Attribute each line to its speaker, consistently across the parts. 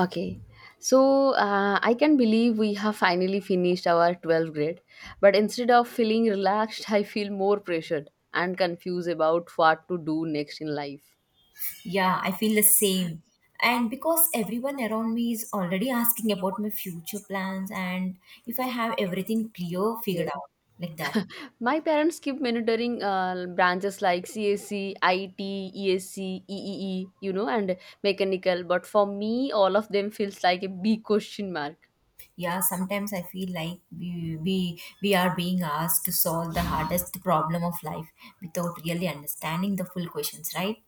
Speaker 1: Okay, so I can believe we have finally finished our 12th grade, but instead of feeling relaxed, I feel more pressured and confused about what to do next in life.
Speaker 2: Yeah, I feel the same. And because everyone around me is already asking about my future plans and if I have everything clear,
Speaker 1: Yeah.
Speaker 2: figured out like that.
Speaker 1: My parents keep monitoring branches like CSC, and mechanical, but for me, all of them feels like a big question mark.
Speaker 2: Yeah, sometimes I feel like we are being asked to solve the hardest problem of life without really understanding the full questions, right?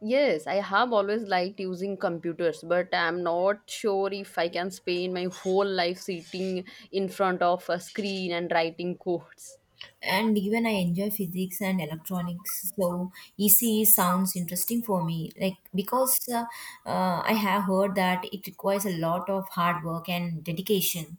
Speaker 1: Yes, I have always liked using computers, but I'm not sure if I can spend my whole life sitting in front of a screen and writing codes.
Speaker 2: And even I enjoy physics and electronics, so ECE sounds interesting for me. Like because I have heard that it requires a lot of hard work and dedication.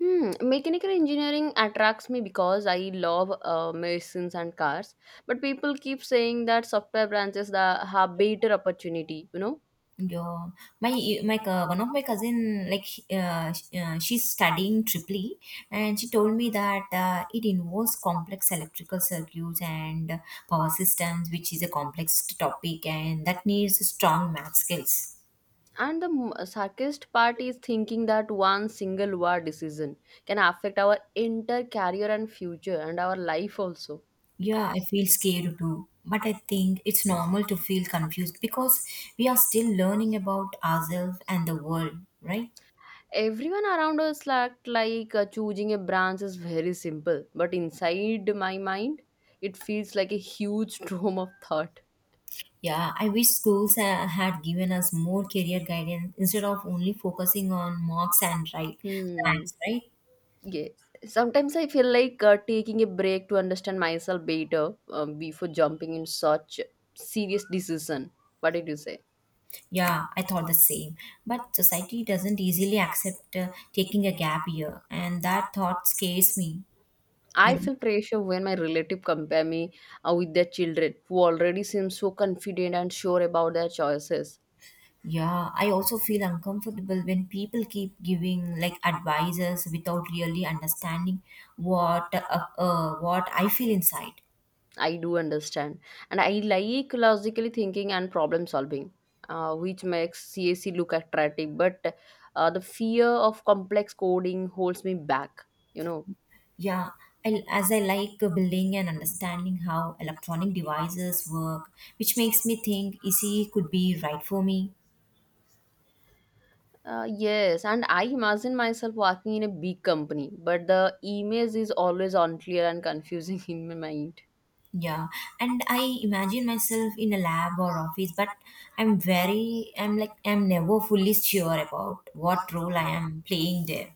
Speaker 1: Hmm, mechanical engineering attracts me because I love machines and cars, but people keep saying that software branches that have better opportunity.
Speaker 2: Yeah, one of my cousin, like she's studying triply, and she told me that it involves complex electrical circuits and power systems, which is a complex topic and that needs strong math skills.
Speaker 1: And the saddest part is thinking that one single word decision can affect our entire career and future and our life also.
Speaker 2: Yeah, I feel scared too, but I think it's normal to feel confused because we are still learning about ourselves and the world, right?
Speaker 1: Everyone around us act like choosing a branch is very simple, but inside my mind, it feels like a huge storm of thought.
Speaker 2: Yeah, I wish schools had given us more career guidance instead of only focusing on marks and right
Speaker 1: Hmm.
Speaker 2: ranks, right?
Speaker 1: Yes. Sometimes I feel like taking a break to understand myself better before jumping in such serious decision. What did you say?
Speaker 2: Yeah, I thought the same. But society doesn't easily accept taking a gap year, and that thought scares me.
Speaker 1: I
Speaker 2: You know?
Speaker 1: feel pressure when my relative compare me with their children who already seem so confident and sure about their choices.
Speaker 2: Yeah, I also feel uncomfortable when people keep giving like advices without really understanding what what I feel inside.
Speaker 1: I do understand. And I like logically thinking and problem solving, which makes CAC look attractive. But the fear of complex coding holds me back, you know.
Speaker 2: Yeah, I, as I like building and understanding how electronic devices work, which makes me think ECE could be right for me.
Speaker 1: Yes, and I imagine myself working in a big company, but the image is always unclear and confusing in my mind.
Speaker 2: Yeah, and I imagine myself in a lab or office, but I'm very, I'm like, I'm never fully sure about what role I am playing there.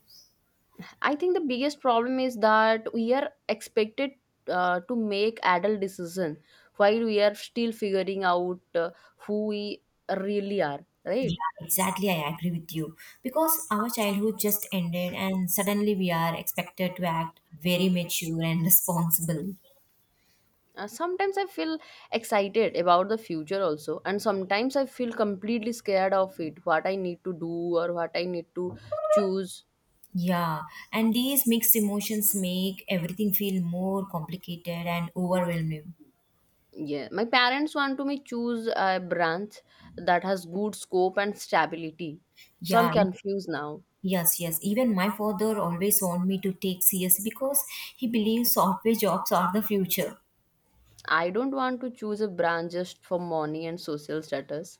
Speaker 1: I think the biggest problem is that we are expected to make adult decision while we are still figuring out who we really are, right?
Speaker 2: Yeah, exactly. I agree with you. Because our childhood just ended, and suddenly we are expected to act very mature and responsible.
Speaker 1: Sometimes I feel excited about the future also, and sometimes I feel completely scared of it, what I need to do or what I need to choose.
Speaker 2: Yeah, and these mixed emotions make everything feel more complicated and overwhelming.
Speaker 1: Yeah, my parents want to me choose a branch that has good scope and stability. So I'm
Speaker 2: Yeah,
Speaker 1: confused now.
Speaker 2: yes, yes. Even my father always want me to take CS because he believes software jobs are the future.
Speaker 1: I don't want to choose a branch just for money and social status.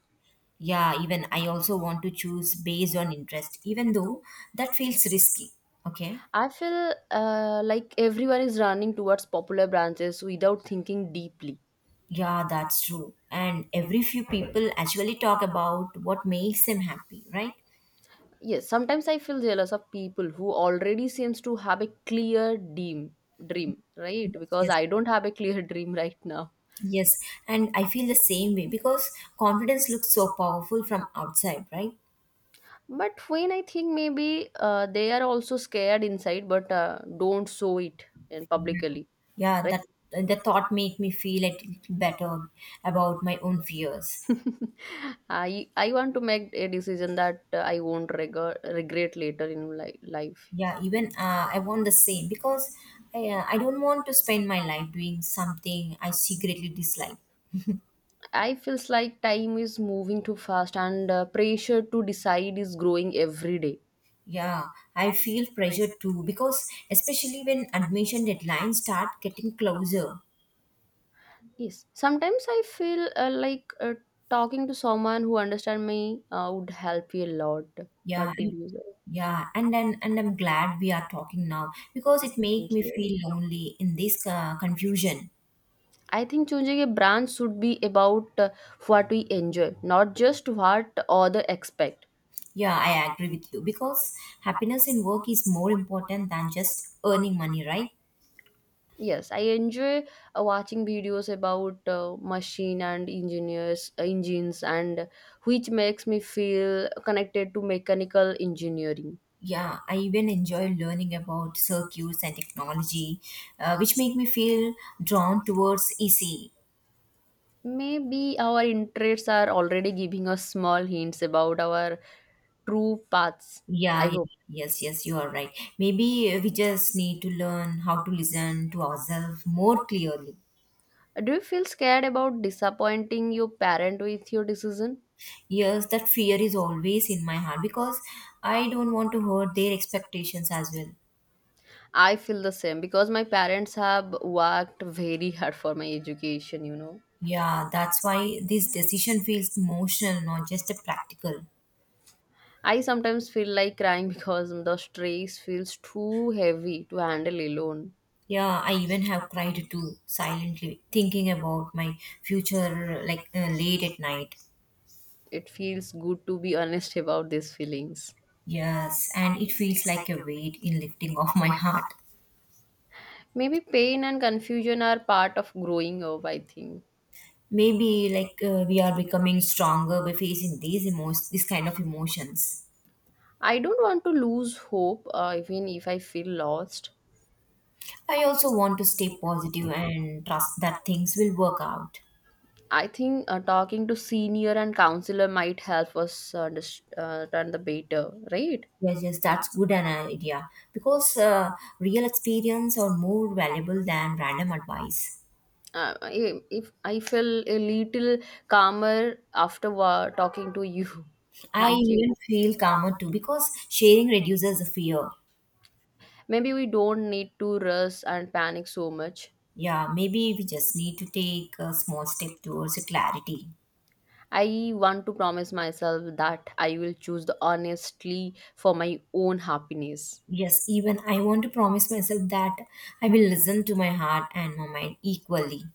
Speaker 2: Yeah, even I also want to choose based on interest, even though that feels risky. Okay.
Speaker 1: I feel like everyone is running towards popular branches without thinking deeply.
Speaker 2: Yeah, that's true. And every few people actually talk about what makes them happy, right?
Speaker 1: Yes, sometimes I feel jealous of people who already seems to have a clear dream, right?
Speaker 2: Yes,
Speaker 1: Because
Speaker 2: yes.
Speaker 1: I don't have a clear dream right now.
Speaker 2: Yes, and I feel the same way because confidence looks so powerful from outside, right?
Speaker 1: But when I think maybe they are also scared inside, but don't show it in publicly,
Speaker 2: Yeah,
Speaker 1: right?
Speaker 2: that the thought made me feel a little better about my own fears.
Speaker 1: I want to make a decision that I won't regret later in life.
Speaker 2: Yeah, even I want the same because I don't want to spend my life doing something I secretly dislike.
Speaker 1: I feels like time is moving too fast and pressure to decide is growing every day.
Speaker 2: Yeah, I feel pressure too, because especially when admission deadlines start getting closer.
Speaker 1: Yes, sometimes I feel like talking to someone who understand me would help you a lot.
Speaker 2: Yeah,
Speaker 1: What did
Speaker 2: and-
Speaker 1: you say?
Speaker 2: yeah, and I'm glad we are talking now because it make
Speaker 1: Thank
Speaker 2: me
Speaker 1: you.
Speaker 2: feel lonely in this confusion.
Speaker 1: I think choosing a brand should be about what we enjoy, not just what other expect.
Speaker 2: Yeah, I agree with you because happiness in work is more important than just earning money, right?
Speaker 1: Yes, I enjoy watching videos about machine and engineers engines, and which makes me feel connected to mechanical engineering.
Speaker 2: Yeah, I even enjoy learning about circuits and technology, which make me feel drawn towards EC.
Speaker 1: Maybe our interests are already giving us small hints about our true paths. I
Speaker 2: Yeah, yeah,
Speaker 1: hope.
Speaker 2: yes, yes, you are right. Maybe we just need to learn how to listen to ourselves more clearly.
Speaker 1: Do you feel scared about disappointing your parent with your decision?
Speaker 2: Yes, that fear is always in my heart because I don't want to hurt their expectations as well.
Speaker 1: I feel the same because my parents have worked very hard for my education.
Speaker 2: Yeah, that's why this decision feels emotional, not just a practical.
Speaker 1: I sometimes feel like crying because the stress feels too heavy to handle alone.
Speaker 2: Yeah, I even have cried too, silently, thinking about my future like late at night.
Speaker 1: It feels good to be honest about these feelings.
Speaker 2: Yes, and it feels like a weight in lifting off my heart.
Speaker 1: Maybe pain and confusion are part of growing up, I think.
Speaker 2: Maybe like we are becoming stronger by facing these emotions, this kind of emotions.
Speaker 1: I don't want to lose hope, even if I feel lost.
Speaker 2: I also want to stay positive and trust that things will work out.
Speaker 1: I think talking to senior and counselor might help us understand the better, right?
Speaker 2: Yes, yes, that's good an idea because real experience are more valuable than random advice.
Speaker 1: If I feel a little calmer after talking to you,
Speaker 2: I
Speaker 1: thank you.
Speaker 2: even feel calmer too because sharing reduces the fear.
Speaker 1: Maybe we don't need to rush and panic so much.
Speaker 2: Yeah, maybe we just need to take a small step towards the clarity.
Speaker 1: I want to promise myself that I will choose the honestly for my own happiness.
Speaker 2: Yes, even I want to promise myself that I will listen to my heart and my mind equally.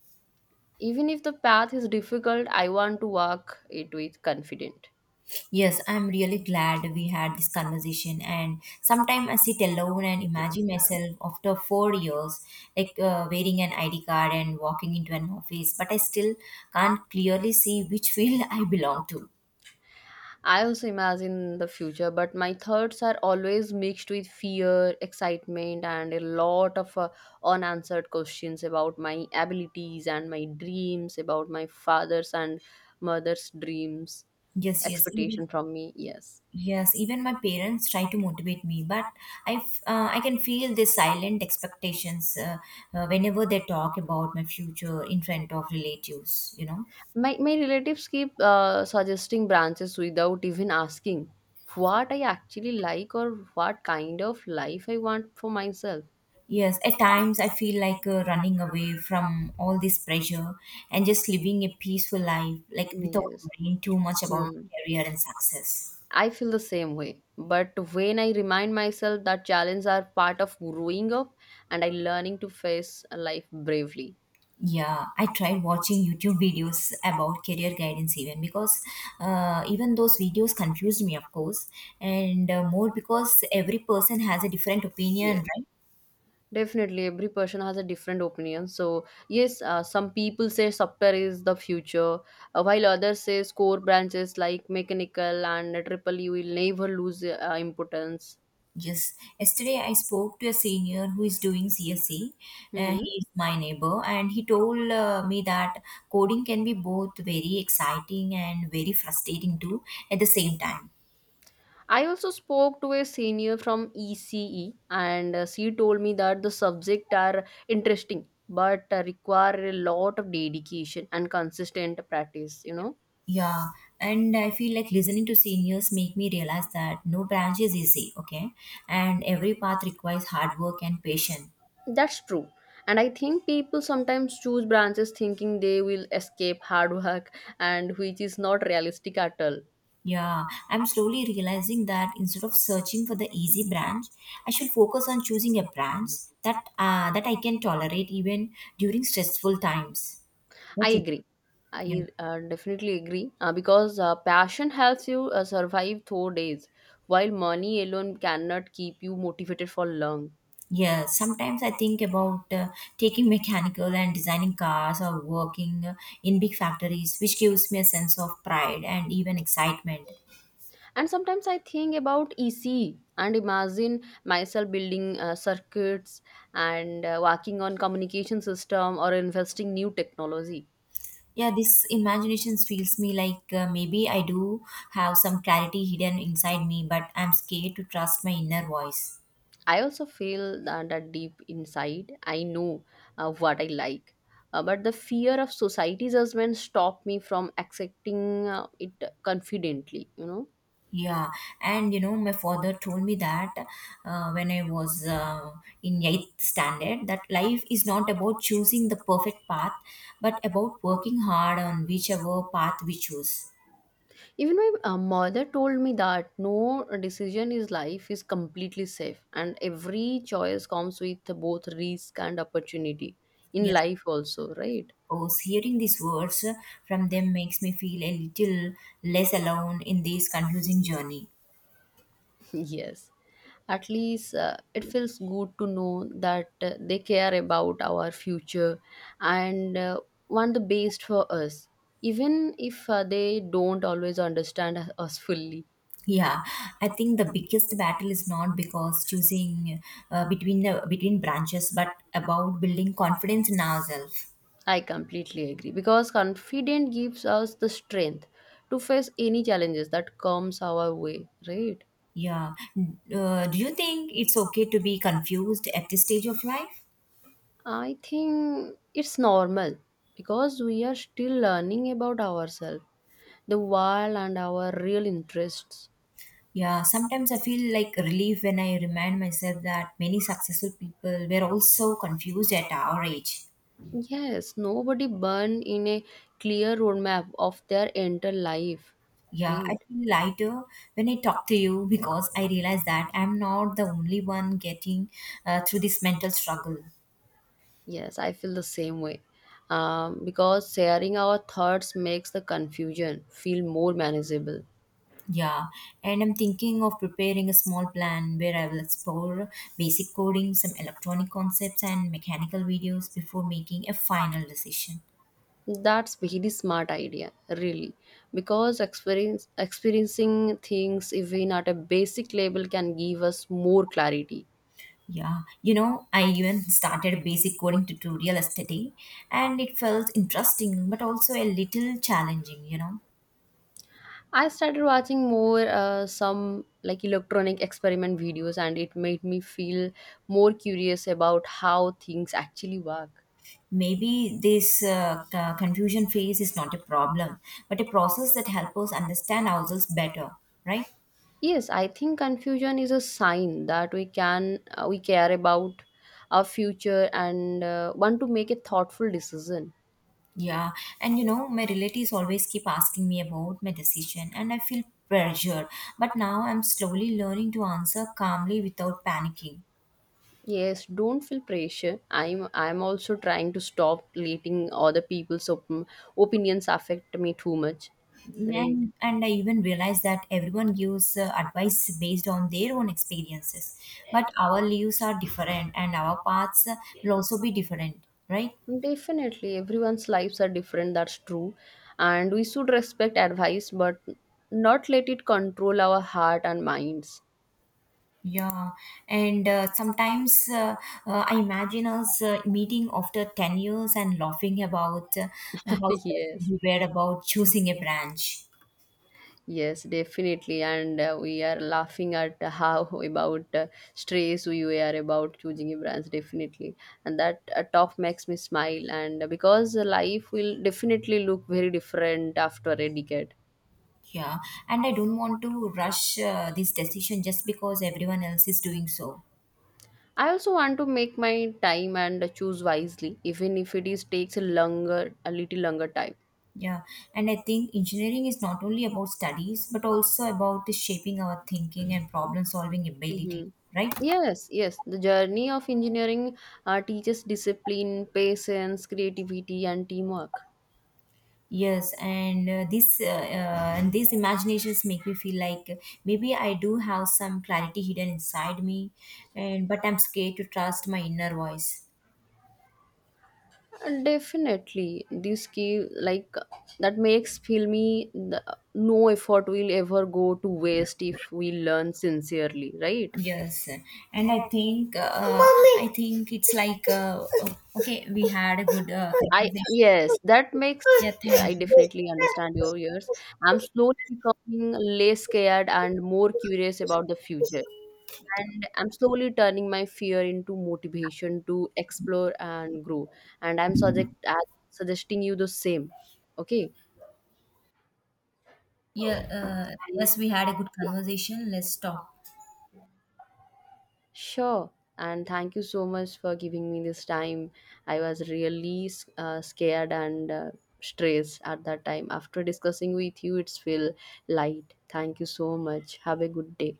Speaker 1: Even if the path is difficult, I want to walk it with confident.
Speaker 2: Yes, I'm really glad we had this conversation. And sometimes I sit alone and imagine myself after 4 years, like wearing an ID card and walking into an office, but I still can't clearly see which field I belong to.
Speaker 1: I also imagine the future, but my thoughts are always mixed with fear, excitement, and a lot of unanswered questions about my abilities and my dreams, about my father's and mother's dreams,
Speaker 2: Yes,
Speaker 1: expectation from me. Yes.
Speaker 2: yes, even my parents try to motivate me, but I can feel the silent expectations whenever they talk about my future in front of relatives. You know.
Speaker 1: My relatives keep suggesting branches without even asking what I actually like or what kind of life I want for myself.
Speaker 2: Yes, at times I feel like running away from all this pressure and just living a peaceful life, like without
Speaker 1: Yes.
Speaker 2: worrying too much about
Speaker 1: Hmm.
Speaker 2: career and success.
Speaker 1: I feel the same way. But when I remind myself that challenges are part of growing up and I learning to face life bravely.
Speaker 2: Yeah, I tried watching YouTube videos about career guidance even because even those videos confused me, of course, and more because every person has a different opinion,
Speaker 1: Yeah.
Speaker 2: right?
Speaker 1: Definitely, every person has a different opinion. So yes, some people say software is the future, while others say core branches like mechanical and triple E will never lose importance.
Speaker 2: Yes, yesterday I spoke to a senior who is doing CSE.
Speaker 1: Mm-hmm.
Speaker 2: He is my neighbor, and he told me that coding can be both very exciting and very frustrating too at the same time.
Speaker 1: I also spoke to a senior from ECE, and she told me that the subject are interesting but require a lot of dedication and consistent practice.
Speaker 2: Yeah, and I feel like listening to seniors make me realize that no branch is easy, okay, and every path requires hard work and patience.
Speaker 1: That's true. And I think people sometimes choose branches thinking they will escape hard work, and which is not realistic at all.
Speaker 2: Yeah, I'm slowly realizing that instead of searching for the easy branch, I should focus on choosing a branch that I can tolerate even during stressful times.
Speaker 1: I
Speaker 2: Okay.
Speaker 1: agree.
Speaker 2: Yeah.
Speaker 1: I definitely agree because passion helps you survive through days, while money alone cannot keep you motivated for long.
Speaker 2: Yeah. Sometimes I think about taking mechanical and designing cars or working in big factories, which gives me a sense of pride and even excitement.
Speaker 1: And sometimes I think about EC and imagine myself building circuits and working on communication system or investing new technology.
Speaker 2: Yeah, this imagination feels me like maybe I do have some clarity hidden inside me, but I'm scared to trust my inner voice.
Speaker 1: I also feel that deep inside I know what I like. But the fear of society judgment stop me from accepting it confidently.
Speaker 2: Yeah, and you know, my father told me that when I was in eighth standard, that life is not about choosing the perfect path, but about working hard on whichever path we choose.
Speaker 1: Even my mother told me that no decision in life is completely safe, and every choice comes with both risk and opportunity in
Speaker 2: Yes,
Speaker 1: life, also, right?
Speaker 2: because hearing these words from them makes me feel a little less alone in this confusing journey.
Speaker 1: Yes. At least it feels good to know that they care about our future and want the best for us, even if they don't always understand us fully.
Speaker 2: Yeah, I think the biggest battle is not because choosing between the between branches, but about building confidence in ourselves.
Speaker 1: I completely agree because confidence gives us the strength to face any challenges that comes our way, right?
Speaker 2: Yeah. Do you think it's okay to be confused at this stage of life?
Speaker 1: I think it's normal because we are still learning about ourselves, the world and our real interests.
Speaker 2: Yeah, sometimes I feel like relief when I remind myself that many successful people were also confused at our age.
Speaker 1: Yes, nobody born in a clear roadmap of their entire life,
Speaker 2: Yeah,
Speaker 1: right?
Speaker 2: I feel lighter when I talk to you because I realize that I'm not the only one getting through this mental struggle.
Speaker 1: Yes, I feel the same way. Because sharing our thoughts makes the confusion feel more manageable.
Speaker 2: Yeah, and I'm thinking of preparing a small plan where I will explore basic coding, some electronic concepts, and mechanical videos before making a final decision.
Speaker 1: That's very smart idea, really, because experiencing things even at a basic level can give us more clarity.
Speaker 2: Yeah, you know, I even started basic coding tutorial yesterday, and it felt interesting but also a little challenging, you know.
Speaker 1: I started watching more some like electronic experiment videos, and it made me feel more curious about how things actually work.
Speaker 2: Maybe this confusion phase is not a problem, but a process that helps us understand ourselves better, right?
Speaker 1: Yes, I think confusion is a sign that we care about our future and want to make a thoughtful decision.
Speaker 2: Yeah, and you know, my relatives always keep asking me about my decision and I feel pressured, but now I'm slowly learning to answer calmly without panicking.
Speaker 1: Yes, don't feel pressure. I'm also trying to stop letting other people's opinions affect me too much. Right.
Speaker 2: And I even realize that everyone gives advice based on their own experiences, but our lives are different and our paths will also be different, right?
Speaker 1: Definitely, everyone's lives are different, that's true. And we should respect advice but not let it control our heart and minds.
Speaker 2: Yeah, and sometimes I imagine us meeting after 10 years and laughing about how stressed
Speaker 1: Yes.
Speaker 2: we were about choosing a branch.
Speaker 1: Yes, definitely. And we are laughing at how about stress we were about choosing a branch, definitely. And that talk makes me smile. And because life will definitely look very different after a decade.
Speaker 2: Yeah, and I don't want to rush this decision just because everyone else is doing so.
Speaker 1: I also want to make my time and choose wisely, even if it is takes a little longer time.
Speaker 2: Yeah, and I think engineering is not only about studies but also about the shaping our thinking and problem solving
Speaker 1: Hmm.
Speaker 2: ability, right?
Speaker 1: Yes, yes. The journey of engineering teaches discipline, patience, creativity, and teamwork.
Speaker 2: Yes, and this and these imaginations make me feel like maybe I do have some clarity hidden inside me, and but I'm scared to trust my inner voice.
Speaker 1: Definitely, this key like that makes filmy the, no effort will ever go to waste if we learn sincerely, right?
Speaker 2: Yes, and I think Mommy. I think it's like oh, okay, we had a good
Speaker 1: I
Speaker 2: conversation.
Speaker 1: yes, that makes.
Speaker 2: Yeah, thank
Speaker 1: I
Speaker 2: you.
Speaker 1: definitely understand your years. I'm slowly becoming less scared and more curious about the future. And I'm slowly turning my fear into motivation to explore and grow. And I'm suggesting you the same. Okay.
Speaker 2: Yeah,
Speaker 1: And.
Speaker 2: yes, we had a good conversation. Let's talk
Speaker 1: Sure. And thank you so much for giving me this time. I was really scared and stressed at that time. After discussing with you, it's feel light. Thank you so much. Have a good day.